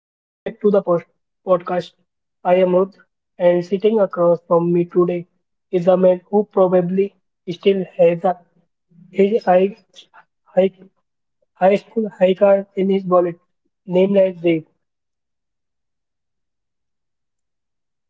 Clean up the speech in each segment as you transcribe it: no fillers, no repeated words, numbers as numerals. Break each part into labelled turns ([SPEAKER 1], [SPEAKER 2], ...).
[SPEAKER 1] Welcome back to the podcast. I am Ruth, and sitting across from me today is a man who probably still has his high, high school high card in his wallet, named as Dave.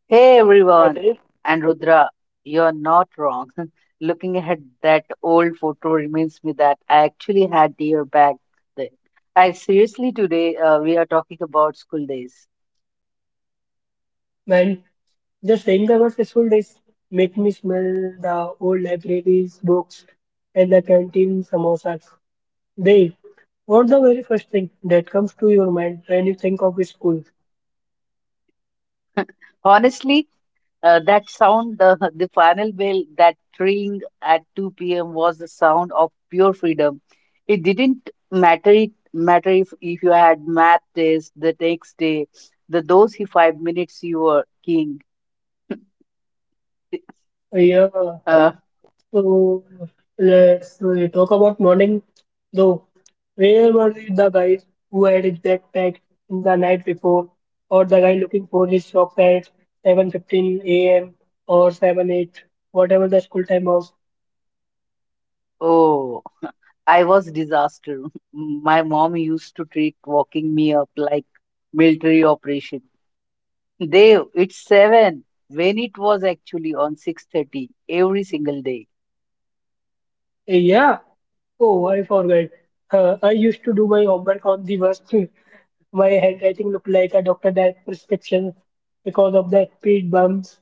[SPEAKER 2] Hey
[SPEAKER 1] Yeah,
[SPEAKER 2] everyone,
[SPEAKER 1] Dave,
[SPEAKER 2] and Rudra, you're not wrong. Looking at that old photo reminds me that I actually had deer back then. I seriously today, we are talking about school days.
[SPEAKER 1] man, just saying the word school days make me smell the old libraries, books, and the canteen samosas. They, what's the very first thing that comes to your mind when you think of school?
[SPEAKER 2] Honestly, that sound, the the final bell, that ring at 2 p.m. was the sound of pure freedom. It didn't matter if you had math test the next day, the those 5 minutes you were king.
[SPEAKER 1] Uh, Yeah,
[SPEAKER 2] Uh,
[SPEAKER 1] so let's talk about morning though. Where were the guys who had his backpack the night before, or the guy looking for his shop at 7:15 a.m. or 7 8, whatever the school time was?
[SPEAKER 2] oh. I was disaster. My mom used to treat walking me up like military operation. They it's seven, when it was actually on 6:30 every single day.
[SPEAKER 1] Yeah, oh, I forgot. I used to do my homework on the bus. My handwriting looked like a doctor that prescription because of the speed bumps.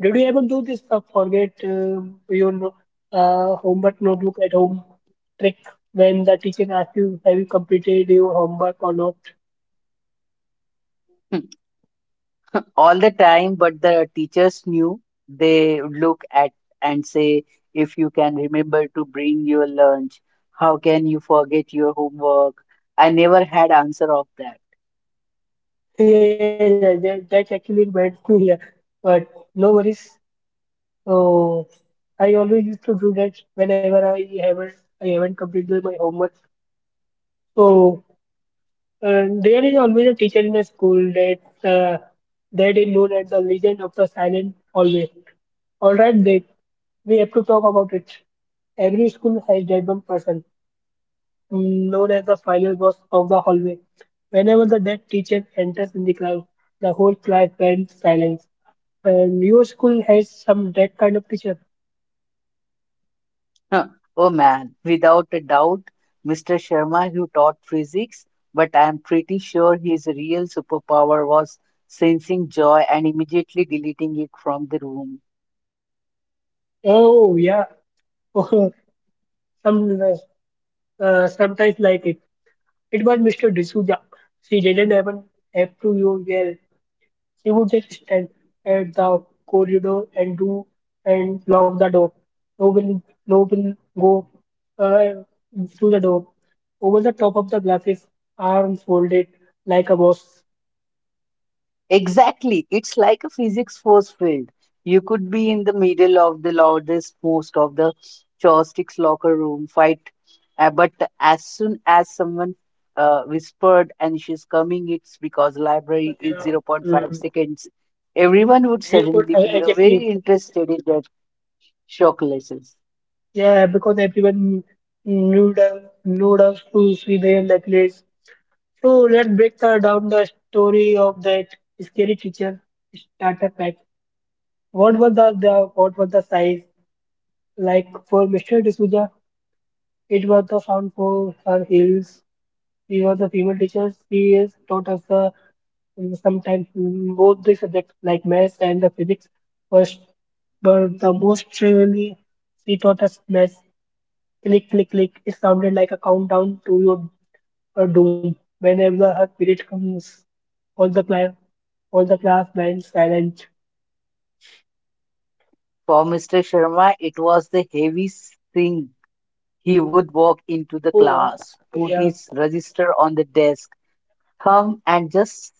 [SPEAKER 1] Did you ever do this forget your homework notebook at home trick when the teacher asks you, have you completed your homework or not?
[SPEAKER 2] All the time. But the teachers knew. They would look at and say, if you can remember to bring your lunch, how can you forget your homework? I never had answer of that.
[SPEAKER 1] Yeah, yeah, yeah, that actually went to here. But no worries. So I always used to do that whenever I haven't completed my homework. So. And there is always a teacher in a school that that is known as the legend of the silent hallway. All right, that we have to talk about it. Every school has that one person known as the final boss of the hallway. Whenever the that teacher enters in the class, the whole class went silent. And your school has some that kind of teacher.
[SPEAKER 2] Huh. Oh man, without a doubt, Mr. Sharma, who taught physics, but I'm pretty sure his real superpower was sensing joy and immediately deleting it from the room.
[SPEAKER 1] Oh yeah, some uh, sometimes like it. It was Mr. D'Souza. She didn't even have to you well. He would just stand at the corridor and do and lock the door. No will go uh, through the door. Over the top of the glasses, arms folded like a boss.
[SPEAKER 2] Exactly. It's like a physics force field. You could be in the middle of the loudest most of the chopsticks locker room fight, but as soon as someone whispered and she's coming, it's because library is
[SPEAKER 1] Yeah,
[SPEAKER 2] zero point 0.5
[SPEAKER 1] mm.
[SPEAKER 2] seconds. Everyone would
[SPEAKER 1] Yeah, but,
[SPEAKER 2] suddenly be
[SPEAKER 1] exactly.
[SPEAKER 2] very interested in that shock lessons.
[SPEAKER 1] Yeah, because everyone knew the to see their necklace. So let's break down the story of that scary teacher starter pack. What was the what was the size? Like for Mr. D'Souza, it was the sound for her heels. She was a female teacher. She has taught us the sometimes both the subjects like maths and the physics first, but the most really she taught us maths. Click, click, click. It sounded like a countdown to your doom. Whenever her period comes, all the class, all the class went silent.
[SPEAKER 2] For Mr. Sharma, it was the heaviest thing. He would walk into the
[SPEAKER 1] Oh,
[SPEAKER 2] class, put
[SPEAKER 1] yeah.
[SPEAKER 2] his register on the desk, hum and just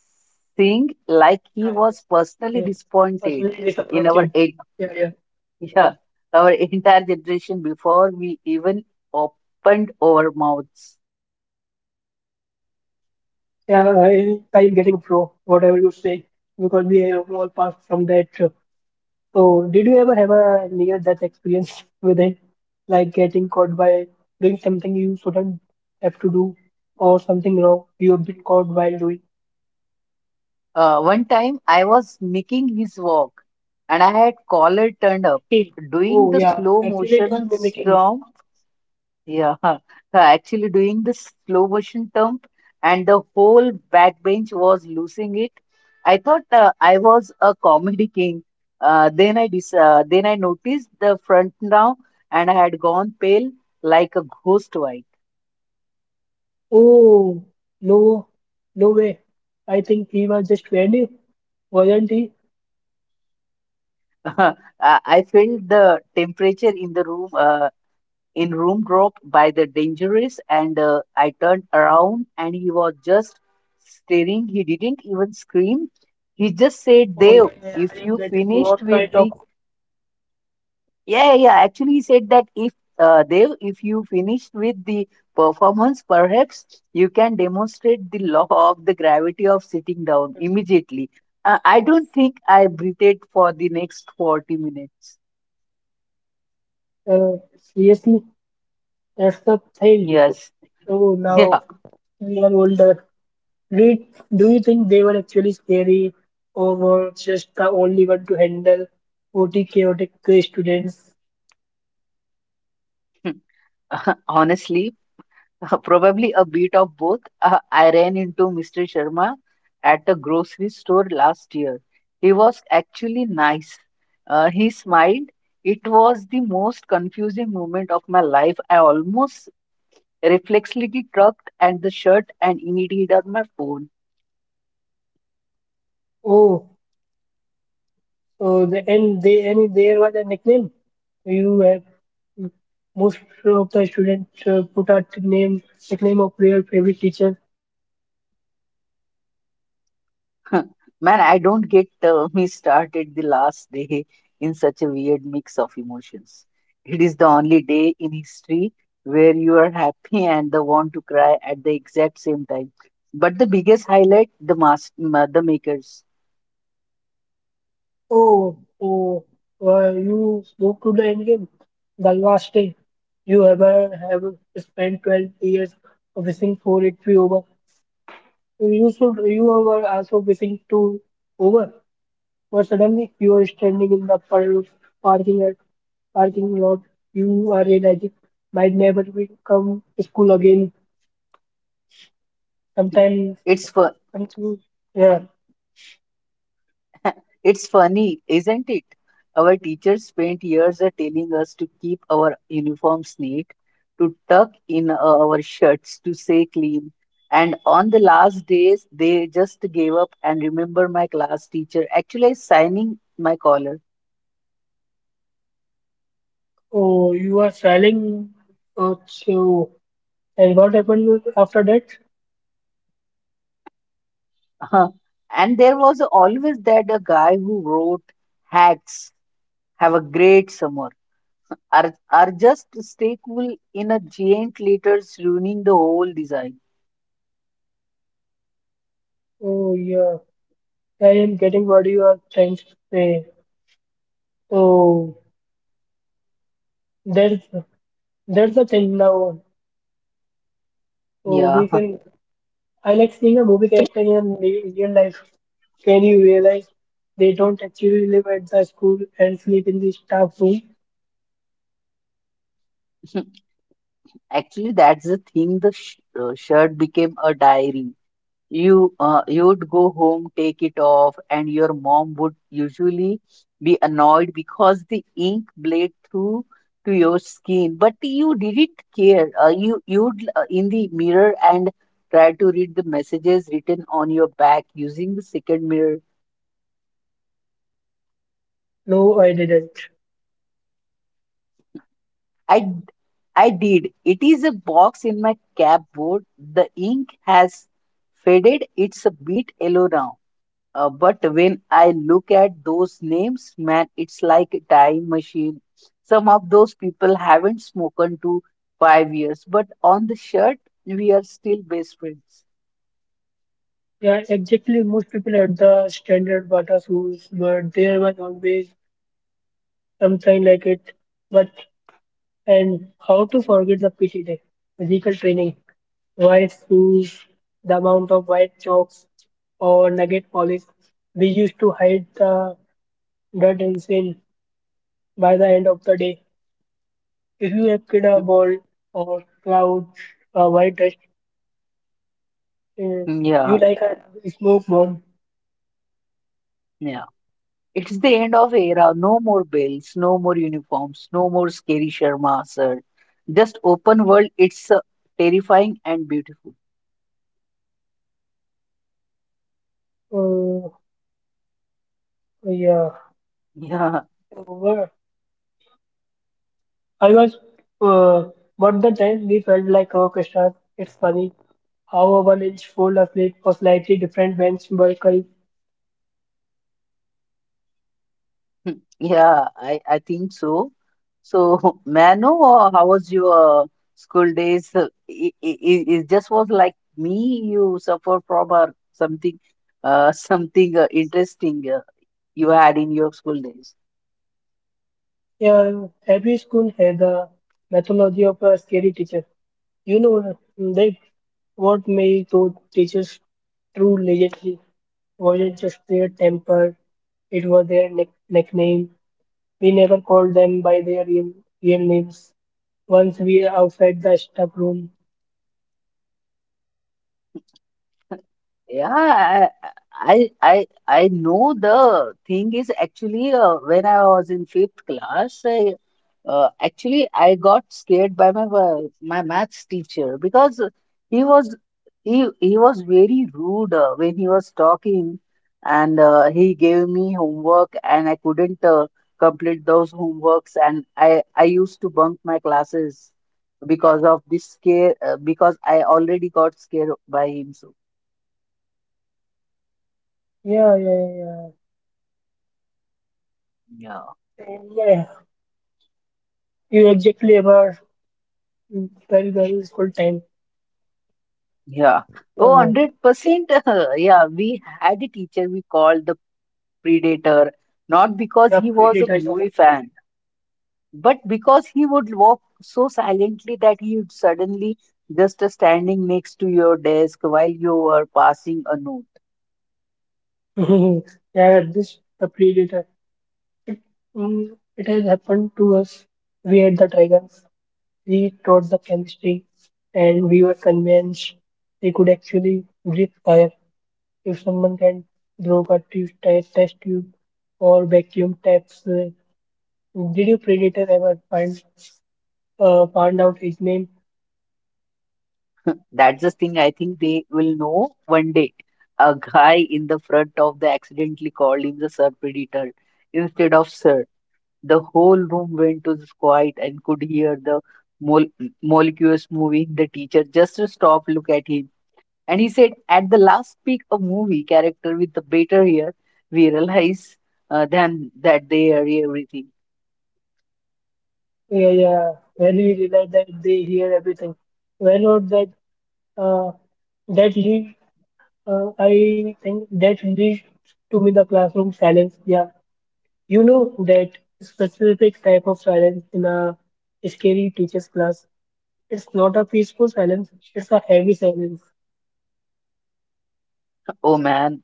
[SPEAKER 2] sing like he
[SPEAKER 1] Sure.
[SPEAKER 2] was personally
[SPEAKER 1] Yeah.
[SPEAKER 2] disappointed
[SPEAKER 1] Personally
[SPEAKER 2] in our
[SPEAKER 1] disappointed. Yeah,
[SPEAKER 2] yeah, our entire generation before we even opened our mouths.
[SPEAKER 1] I am getting a pro, whatever you say, because we have all passed from that. So, did you ever have a near-death experience with it, like getting caught by doing something you shouldn't have to do, or something wrong you have been caught while doing?
[SPEAKER 2] One time I was making his walk and I had collar turned up,
[SPEAKER 1] Mimicking.
[SPEAKER 2] doing
[SPEAKER 1] Oh,
[SPEAKER 2] the
[SPEAKER 1] yeah,
[SPEAKER 2] slow
[SPEAKER 1] actually it
[SPEAKER 2] motion
[SPEAKER 1] was mimicking.
[SPEAKER 2] strum. Yeah, actually doing the slow motion term and the whole backbench was losing it. I thought I was a comedy king. Then I noticed the front now and I had gone pale like a ghost white.
[SPEAKER 1] Oh, no, no way. I think he was just venue, wasn't he?
[SPEAKER 2] I I felt the temperature in the room, in room drop by the dangerous, and I turned around and he was just staring. He didn't even scream. He just said,
[SPEAKER 1] Oh,
[SPEAKER 2] Dev,
[SPEAKER 1] yeah, I
[SPEAKER 2] if
[SPEAKER 1] am
[SPEAKER 2] you
[SPEAKER 1] getting
[SPEAKER 2] finished
[SPEAKER 1] what
[SPEAKER 2] with
[SPEAKER 1] kind
[SPEAKER 2] the,
[SPEAKER 1] of
[SPEAKER 2] yeah, yeah, yeah. Actually he said that if, Dev, if you finished with the performance, perhaps you can demonstrate the law of the gravity of sitting down immediately. I don't think I breathed for the next 40 minutes.
[SPEAKER 1] uh, seriously. That's the thing.
[SPEAKER 2] Yes.
[SPEAKER 1] So
[SPEAKER 2] Yeah.
[SPEAKER 1] now we are older. We, do you think they were actually scary or were just the only one to handle 40 chaotic students?
[SPEAKER 2] Honestly, probably a bit of both. I ran into Mr. Sharma at a grocery store last year. He was actually nice. He smiled. It was the most confusing moment of my life. I almost reflexively tugged at the shirt and immediately on my phone.
[SPEAKER 1] Oh, so the, and they and there was a nickname. You have most of the students put a name nickname of their favorite teacher.
[SPEAKER 2] Man, I don't get, me started the last day in such a weird mix of emotions. It is the only day in history where you are happy and the want to cry at the exact same time. But the biggest highlight, the makers.
[SPEAKER 1] Oh, oh, why you spoke to the endgame. The last day you ever have spent 12 years wishing for it to be over. You should, you were also wishing to over, but suddenly you are standing in the parking lot. Parking lot. You are realizing might never become school again. Sometimes,
[SPEAKER 2] It's fun.
[SPEAKER 1] something, yeah.
[SPEAKER 2] It's funny, isn't it? Our teachers spent years, telling us to keep our uniforms neat, to tuck in, our shirts, to stay clean. And on the last days, they just gave up, and remember my class teacher actually signing my collar.
[SPEAKER 1] Oh, you are selling. Oh, so, and what happened after that?
[SPEAKER 2] And there was always that a guy who wrote hacks, have a great summer, or just stay cool in a giant letters ruining the whole design.
[SPEAKER 1] Oh yeah, I am getting what you are trying to say. So there's that's the thing now. So
[SPEAKER 2] Yeah.
[SPEAKER 1] we can I like seeing a movie character in real life. Can you realize they don't actually live at the school and sleep in the staff room?
[SPEAKER 2] Actually, that's the thing. The shirt became a diary. You would go home, take it off, and your mom would usually be annoyed because the ink bled through to your skin. But you didn't care. You you'd in the mirror and try to read the messages written on your back using the second mirror.
[SPEAKER 1] No, I didn't.
[SPEAKER 2] I I did. It is a box in my cupboard. The ink has faded. It's a bit yellow now. But when I look at those names, man, it's like a time machine. Some of those people haven't spoken to 5 years, but on the shirt, we are still best friends.
[SPEAKER 1] Yeah, exactly. Most people at the standard Bata schools, but there was always something like it. But and how to forget the PT day, physical training. White shoes, the amount of white chalks or nugget polish. We used to hide the dirt and sand by the end of the day. If you have kid a ball or cloud, a white dust, uh, you
[SPEAKER 2] Yeah,
[SPEAKER 1] like a smoke bomb.
[SPEAKER 2] yeah. It's the end of era. No more bells. No more uniforms, no more scary Sharma, sir. Just open world. It's terrifying and beautiful.
[SPEAKER 1] Uh, yeah.
[SPEAKER 2] Yeah.
[SPEAKER 1] Well, I was, uh, but the time we felt like orchestra. It's funny how a one inch fold of flip or slightly different bench bulk.
[SPEAKER 2] Yeah, I think so. So, Manu, how was your school days? It just was like me, you suffer from or something, something interesting, you had in your school days.
[SPEAKER 1] Yeah, every school had a mythology of a scary teacher. You know that what made those teachers true legendary wasn't just their temper, it was their nickname. We never called them by their real names. Once we outside the staff room.
[SPEAKER 2] Yeah, I know the thing is actually, when I was in fifth class, actually I got scared by my maths teacher, because he was he was very rude when he was talking, and he gave me homework and I couldn't complete those homeworks, and I used to bunk my classes because of this scare, because I already got scared by him. So
[SPEAKER 1] Yeah, yeah, yeah.
[SPEAKER 2] yeah.
[SPEAKER 1] Yeah, you exactly about very well school time.
[SPEAKER 2] Yeah. Oh,
[SPEAKER 1] Uh,
[SPEAKER 2] 100%. Yeah, we had a teacher we called the Predator, not because
[SPEAKER 1] yeah,
[SPEAKER 2] he was a
[SPEAKER 1] predator.
[SPEAKER 2] movie fan, but because he would walk so silently that he would suddenly just standing next to your desk while you were passing a note.
[SPEAKER 1] Yeah, this the predator. It has happened to us. We had the dragons. We taught the chemistry, and we were convinced they could actually breathe fire. If someone can blow a test tube or vacuum taps, did your predator ever find found out his name?
[SPEAKER 2] That's the thing, I think they will know one day. A guy in the front of the accidentally called him the Sir Predator instead of Sir. The whole room went to quiet and could hear the mol- molecules moving. The teacher just stopped, look at him, and he said, "At the last peak, a movie character with the better hair. We realize than that they are everything."
[SPEAKER 1] Yeah, yeah. When we realized that they hear everything, well, or that uh, that lead, I think that leads to me the classroom silence. Yeah. You know that specific type of silence in a scary teacher's class. It's not a peaceful silence, it's a heavy silence.
[SPEAKER 2] Oh man,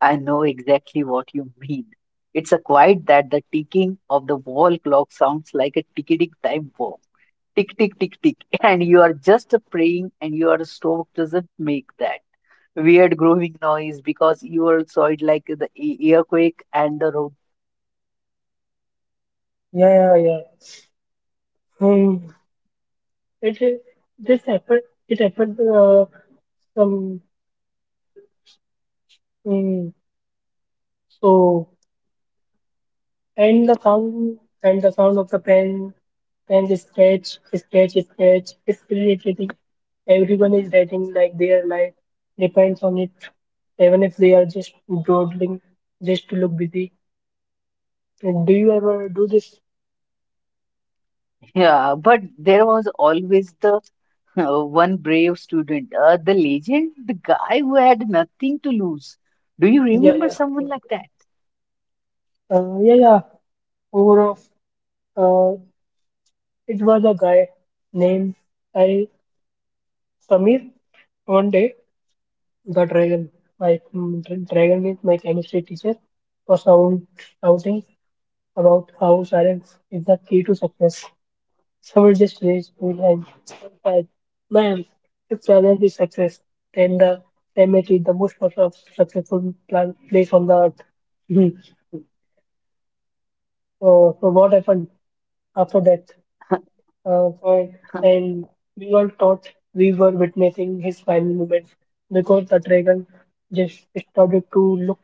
[SPEAKER 2] I know exactly what you mean. It's a quiet that the ticking of the wall clock sounds like a ticking time bomb. Tick tick tick tick, and you are just praying and your stomach doesn't make that weird growing noise because you are saw it like the earthquake and the road.
[SPEAKER 1] Yeah, yeah, yeah. Hmm. It is- this happened. It happened some mm, so and the sound of the pen and the scratch. It's irritating. Everyone is writing like their life depends on it, even if they are just dawdling just to look busy. And do you ever do this?
[SPEAKER 2] Yeah, but there was always the, one brave student, the legend, the guy who had nothing to lose. Do you
[SPEAKER 1] Yeah,
[SPEAKER 2] remember
[SPEAKER 1] yeah.
[SPEAKER 2] someone like that?
[SPEAKER 1] Yeah, yeah. Overall, uh, it was a guy named I Samir. One day, the dragon, my dragon is my chemistry teacher, was sound shouting about how silence is the key to success. Someone just raised his hand and said, "Man, if silence is success, then the climate is the most successful plan place on the earth." So what happened? After death uh, for, and we all thought we were witnessing his final moments because the dragon just started to look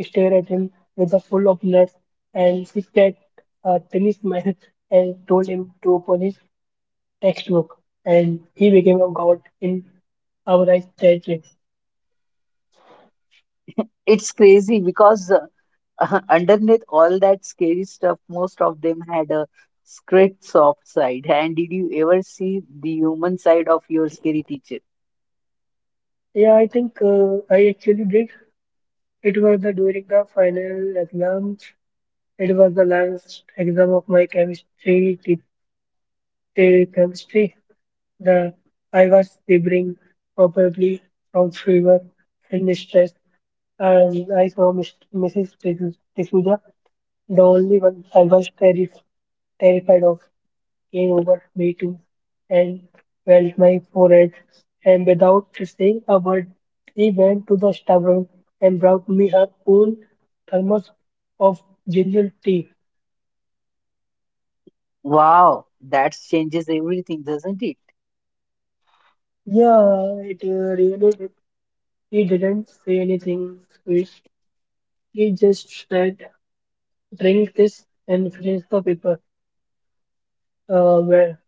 [SPEAKER 1] stare at him with a full of nuts and he said a tiny smile and told him to open his textbook and he became a god in our eyes territory.
[SPEAKER 2] It's crazy because, underneath all that scary stuff, most of them had a script soft side. And did you ever see the human side of your scary teacher?
[SPEAKER 1] Yeah, I think I actually did. It was the during the final exams. It was the last exam of my chemistry their chemistry. The I was shivering, probably from fever and stress, and I saw Mr. Mrs. D'Souza. The only one I was terrified of came over me too and felt my forehead, and without saying a word, he went to the stubborn and brought me her own thermos of ginger tea.
[SPEAKER 2] Wow, that changes everything, doesn't it?
[SPEAKER 1] Yeah, it really did. He didn't say anything sweet. He just said, drink this and finish the paper. Uh, where,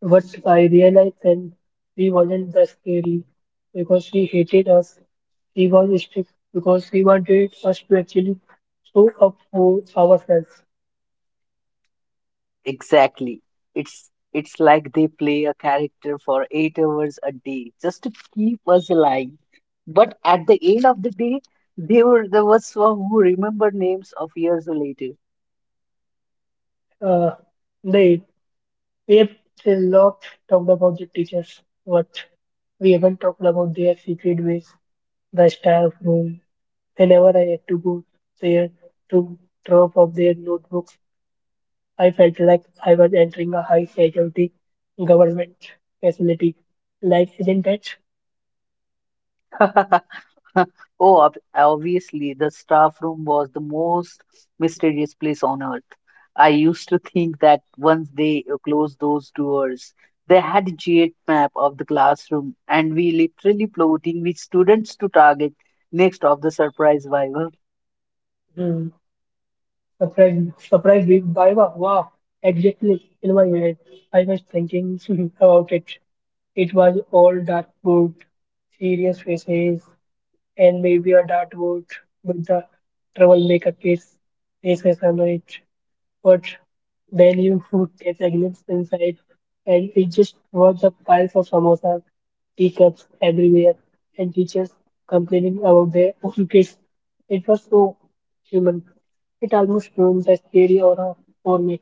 [SPEAKER 1] what I realized then, he wasn't that scary because he hated us. He was strict because he wanted us to actually show up for ourselves.
[SPEAKER 2] Exactly. It's like they play a character for 8 hours a day just to keep us alive. But at the end of the day, they were the ones who remember names of years later.
[SPEAKER 1] Uh, they, we have a lot talked about the teachers, but we haven't talked about their secret ways, the staff room. Whenever I had to go there to drop off their notebooks I felt like I was entering a high security government facility. Like, isn't it?
[SPEAKER 2] Oh, obviously, the staff room was the most mysterious place on earth. I used to think that once they closed those doors, they had a giant map of the classroom, and we literally plotting which students to target next of the surprise viva.
[SPEAKER 1] Hmm. Surprised me by wow, wow, exactly in my head. I was thinking about it. It was all dark wood, serious faces, and maybe a dartboard with the troublemaker kids faces on it. But then you would catch a glimpse inside, and it just was a pile of samosas, teacups everywhere, and teachers complaining about their own kids. It was so human. It almost ruined the scary aura for me.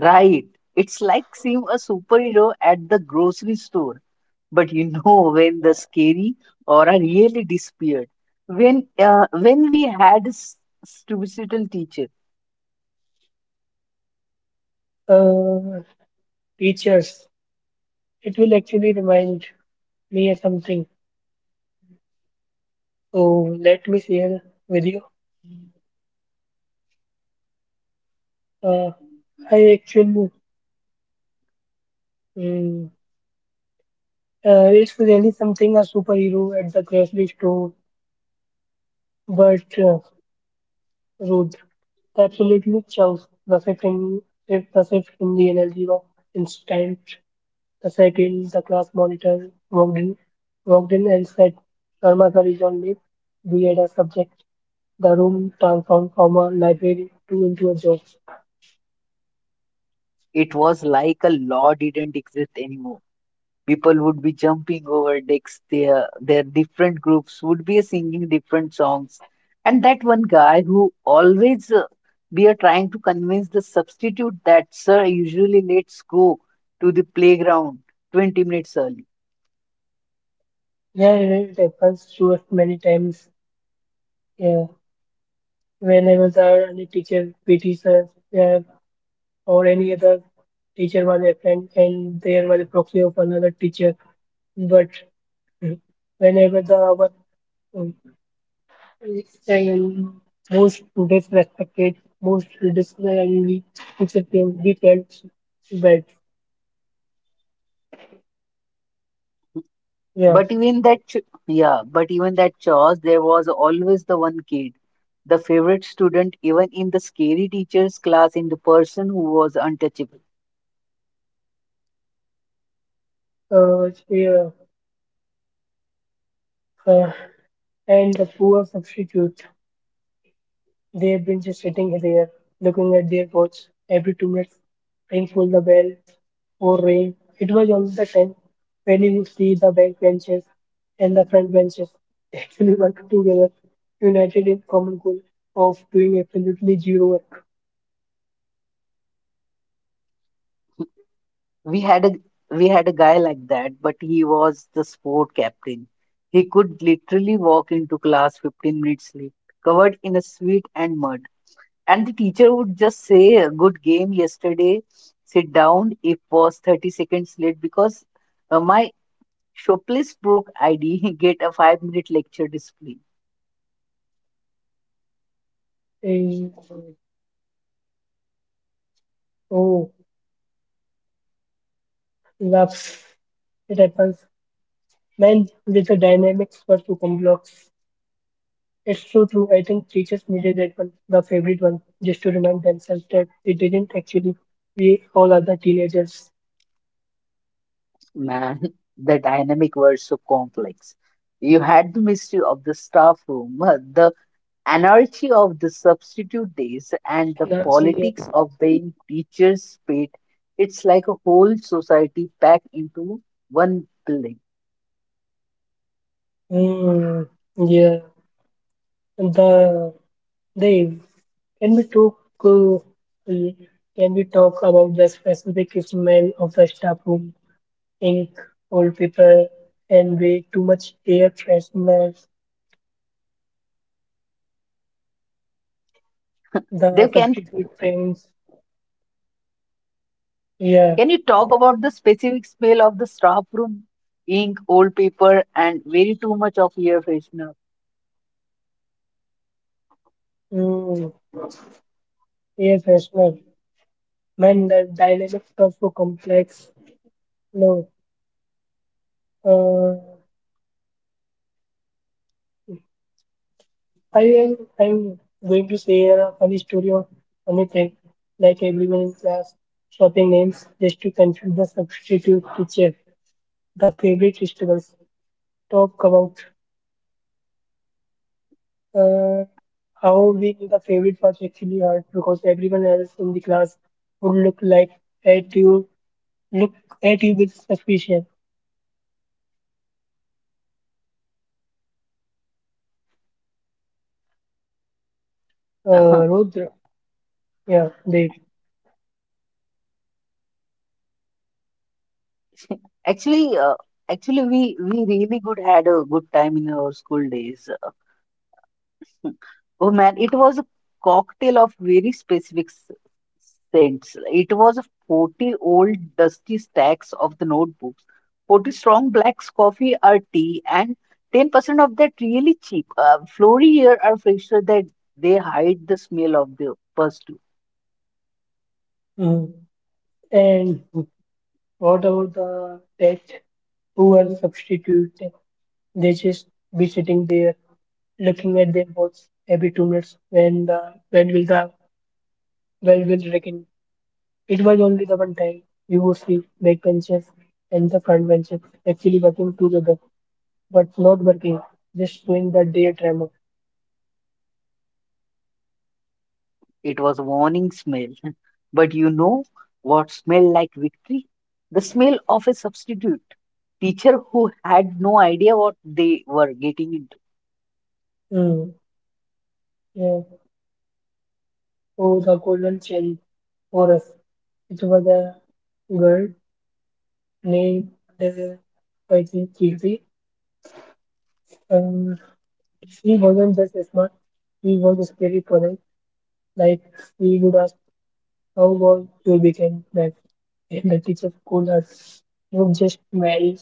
[SPEAKER 2] Right. It's like seeing a superhero at the grocery store. But you know, when the scary aura really disappeared. When we had a suicidal teacher.
[SPEAKER 1] Uh, teachers, it will actually remind me of something. So let me share with you. Uh, I actually Mm, it's really something a superhero at the grocery store, but Ruth absolutely chills the shift in if the shift in the energy of instant. The second the class monitor walked in and said, "Sharma sir is on leave. We had a subject." The room transformed from a library to into a joke.
[SPEAKER 2] It was like a law didn't exist anymore. People would be jumping over decks. Their different groups would be singing different songs, and that one guy who always, we are trying to convince the substitute that sir usually let's go to the playground 20 minutes early.
[SPEAKER 1] Yeah, yeah, it happens to us many times. Yeah, when I was a teacher, PT sir, yeah, or any other teacher was a friend and there was a proxy of another teacher. But mm, whenever the our um, and most disrespected, most disrespected teacher came, we felt bad. Yeah.
[SPEAKER 2] But even yeah, but even that chores, there was always the one kid, the favorite student, even in the scary teacher's class, in the person who was untouchable.
[SPEAKER 1] Yeah. Uh, and the poor substitute, they've been just sitting there looking at their watch every 2 minutes, ring for the bell, or rain. It was always the time when you would see the back benches and the front benches actually work together, united in common goal of doing absolutely zero work.
[SPEAKER 2] We had a we had a guy like that, but he was the sport captain. He could literally walk into class 15 minutes late, covered in a sweat and mud, and the teacher would just say, "A good game yesterday. Sit down." If was 30 seconds late because, my shoplift broke ID, get a 5 minute lecture display.
[SPEAKER 1] And oh, loves it happens. Man, with the dynamics were to come blocks. It's so true. I think teachers needed that one, the favorite one, just to remind themselves that they didn't actually. We all are the teenagers.
[SPEAKER 2] Man, the dynamic were so complex. You had the mystery of the staff room, the anarchy of the substitute days and the
[SPEAKER 1] That's the
[SPEAKER 2] politics of being teachers paid. It's like a whole society packed into one building.
[SPEAKER 1] Hmm, yeah. The they Can we talk? Uh, y- can we talk about the specific smell of the staff room, ink, old paper, and way too much air fresheners,
[SPEAKER 2] they
[SPEAKER 1] the
[SPEAKER 2] can
[SPEAKER 1] substitute things? Yeah,
[SPEAKER 2] can you talk about the specific smell of the staff room, ink, old paper, and very too much of air freshener?
[SPEAKER 1] mm, air freshener. Man, the dynamics are so complex. No, uh, I am. I'm going to say a funny story or funny thing, like everyone in class swapping names just to confuse the substitute teacher the favorite vegetables. Talk about uh, how being the favorite was actually hard because everyone else in the class would at you look at you with suspicion. Rudra, yeah, they.
[SPEAKER 2] Actually, actually we really good had a good time in our school days. Oh man, it was a cocktail of very specific scents. It was 40 old dusty stacks of the notebooks, 40 strong blacks coffee or tea, and 10% of that really cheap. Flory here are fresher that they hide the smell of the first two.
[SPEAKER 1] Mhm. And what about the test? Who are the substitute? They just be sitting there looking at their watch every 2 minutes when the when will the bell will ring? It was only the one time you would see backbenchers and the front benches actually working together, but not working, just doing the day drama.
[SPEAKER 2] It was a warning smell. But you know what smelled like victory? The smell of a substitute teacher who had no idea what they were getting into.
[SPEAKER 1] Mm. Yeah. Oh, the golden cherry for us. It was a girl named uh, I think Kirti. Um, she wasn't just smart, she was a scary polite. Like she would ask, "How was your weekend?" Like, and the teacher called her, "You just married."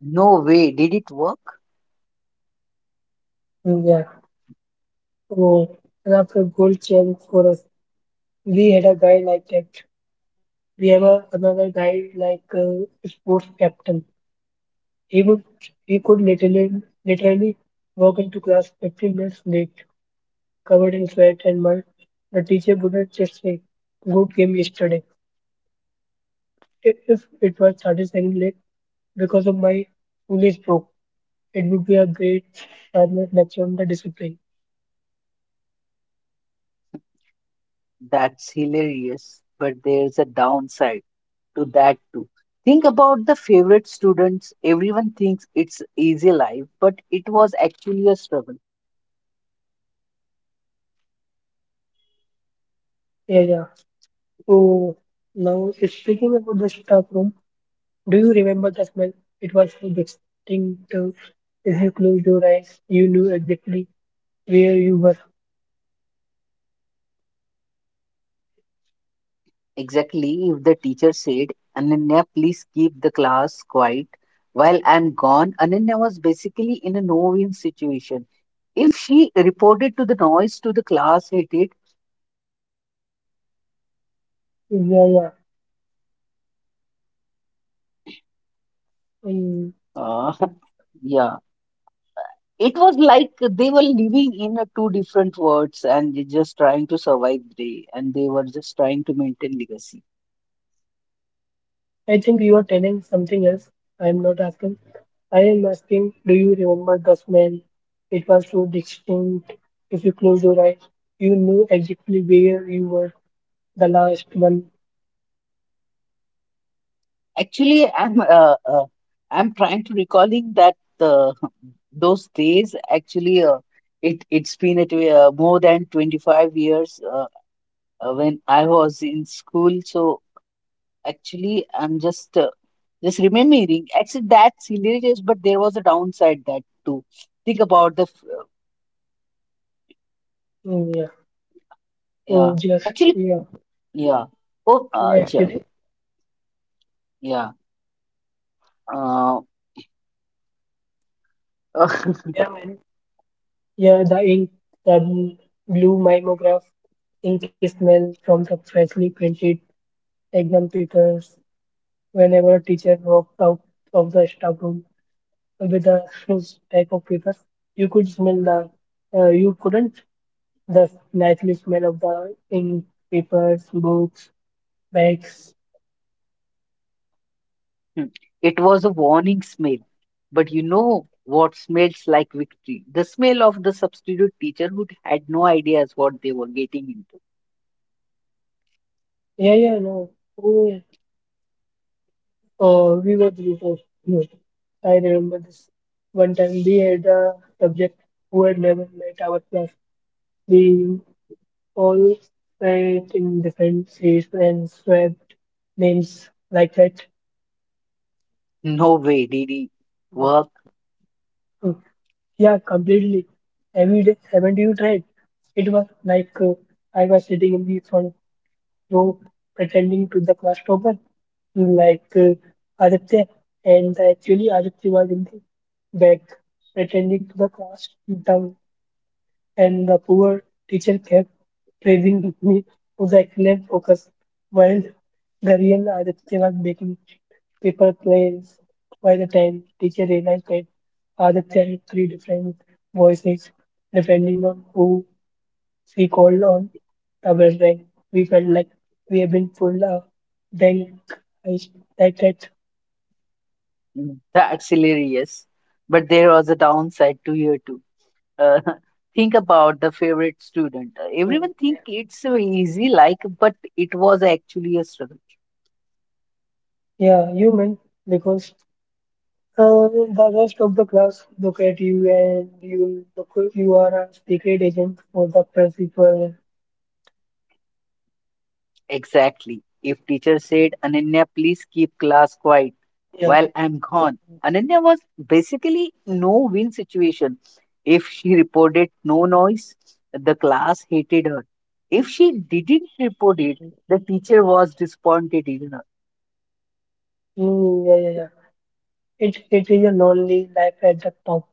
[SPEAKER 2] No way, did it work?
[SPEAKER 1] Mm, yeah. Oh, and after gold chain for us, we had a guy like that. We have another guy like sports captain. He would he could literally literally walk into class 15 minutes late, covered in sweat and mud. The teacher wouldn't just say, "Good game yesterday." If it was 30 seconds late because of my foolish broke, it would be a great 5-minute lecture on the discipline.
[SPEAKER 2] That's hilarious. But there's a downside to that too. Think about the favorite students. Everyone thinks it's easy life, but it was actually a struggle.
[SPEAKER 1] Yeah, yeah. So now speaking about the staff room. Do you remember the smell? It was so distinctive. If you closed your eyes, you knew exactly where you were.
[SPEAKER 2] Exactly, if the teacher said, Ananya, please keep the class quiet while I'm gone, Ananya was basically in a no win situation. If she reported to the noise to the class, it did.
[SPEAKER 1] Yeah, yeah. Mm,
[SPEAKER 2] Uh, yeah. It was like they were living in a two different worlds and they just trying to survive day, and they were just trying to maintain legacy.
[SPEAKER 1] I think you are telling something else. I am not asking. I am asking, do you remember the smell? It was so distinct. If you closed your eyes, you knew exactly where you were. The last one.
[SPEAKER 2] Actually, I'm trying to recalling that uh, those days. Actually, it's been at more than 25 years, when I was in school. So actually, I'm just remembering. Actually, that's hilarious, but there was a downside that too. Think about the
[SPEAKER 1] Mm, yeah.
[SPEAKER 2] yeah.
[SPEAKER 1] So just
[SPEAKER 2] Actually,
[SPEAKER 1] yeah.
[SPEAKER 2] yeah. Oh,
[SPEAKER 1] Yeah,
[SPEAKER 2] yeah.
[SPEAKER 1] actually,
[SPEAKER 2] Yeah. Uh,
[SPEAKER 1] there are many. Yeah, the ink, the blue mimeograph ink smell from the freshly printed exam papers. Whenever a teacher walked out of the staff room with a huge stack of papers, you could smell the, you couldn't, the naturally smell of the ink, papers, books, bags.
[SPEAKER 2] it was a warning smell. But you know what smells like victory? The smell of the substitute teacher who had no ideas what they were getting into.
[SPEAKER 1] Yeah, yeah, no. Oh, yeah. Oh, we were before. Yeah. I remember this. One time we had a subject who had never met our class. We all sat in different seats and swapped names like that.
[SPEAKER 2] No way did he work?
[SPEAKER 1] Hmm. Yeah, completely. Haven't you tried? It was like I was sitting in the front row pretending to the class topper, like Aditya, and actually Aditya was in the back pretending to the class and the poor teacher kept praising me for the excellent focus, while the real Aditya was making paper planes. By the time teacher realized that Aditya had three different voices, depending on who she called on the bell rang, we felt like we had been pulled a bank heist like that.
[SPEAKER 2] Mm. That's hilarious. But there was a downside to here too. Uh, think about the favorite student. Everyone
[SPEAKER 1] Mm.
[SPEAKER 2] think it's so easy, like, but it was actually a struggle.
[SPEAKER 1] Yeah, you mean because Uh, the rest of the class look at you and you look, you are a secret agent for the principal.
[SPEAKER 2] Exactly. If teacher said, Ananya, please keep class quiet
[SPEAKER 1] Yeah,
[SPEAKER 2] while I'm gone. Ananya was basically no win situation. If she reported no noise, the class hated her. If she didn't report it, the teacher was disappointed in her.
[SPEAKER 1] yeah, yeah, yeah. It is a lonely life at the top.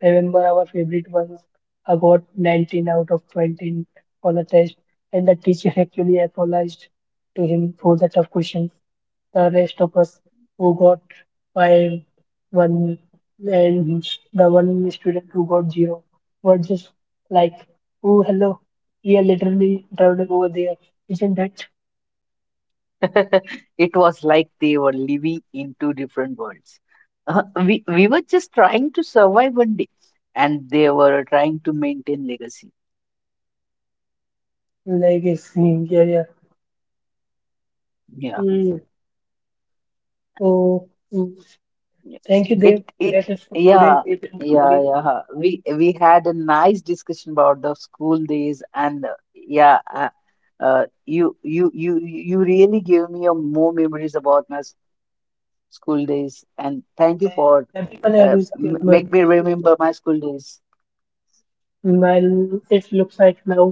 [SPEAKER 1] Remember our favorite ones? I got 19 out of 20 on a test, and the teacher actually apologized to him for the tough question. The rest of us who got five, one, and the one student who got zero were just like, oh, hello, we are literally traveling over there. Isn't that
[SPEAKER 2] It was like they were living in two different worlds. We were just trying to survive one day, and they were trying to maintain legacy.
[SPEAKER 1] like, it's, yeah, yeah.
[SPEAKER 2] Yeah,
[SPEAKER 1] Mm. So, mm,
[SPEAKER 2] yeah.
[SPEAKER 1] thank you,
[SPEAKER 2] it
[SPEAKER 1] Dev.
[SPEAKER 2] it
[SPEAKER 1] That's it for today.
[SPEAKER 2] yeah
[SPEAKER 1] We will meet
[SPEAKER 2] yeah,
[SPEAKER 1] again.
[SPEAKER 2] yeah. We had a nice discussion about the school days, and yeah, you really gave me a more memories about my school days, and thank you for
[SPEAKER 1] Everyone else get my
[SPEAKER 2] make me
[SPEAKER 1] so,
[SPEAKER 2] remember my school days.
[SPEAKER 1] mm, it looks like now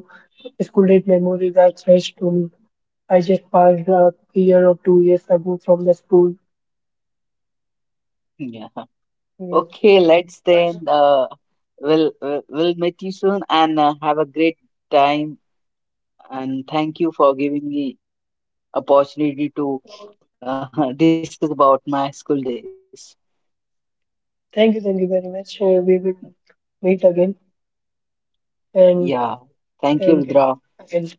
[SPEAKER 1] school date memories are fresh to me. I just passed a year or 2 years ago from the school.
[SPEAKER 2] Yeah.
[SPEAKER 1] Yeah.
[SPEAKER 2] Okay, let's then. We'll meet you soon and have a great time. And thank you for giving me opportunity to discuss about my school days.
[SPEAKER 1] Thank you very much. We will meet again and
[SPEAKER 2] Yeah, thank you,
[SPEAKER 1] thank you
[SPEAKER 2] Rudra.
[SPEAKER 1] again.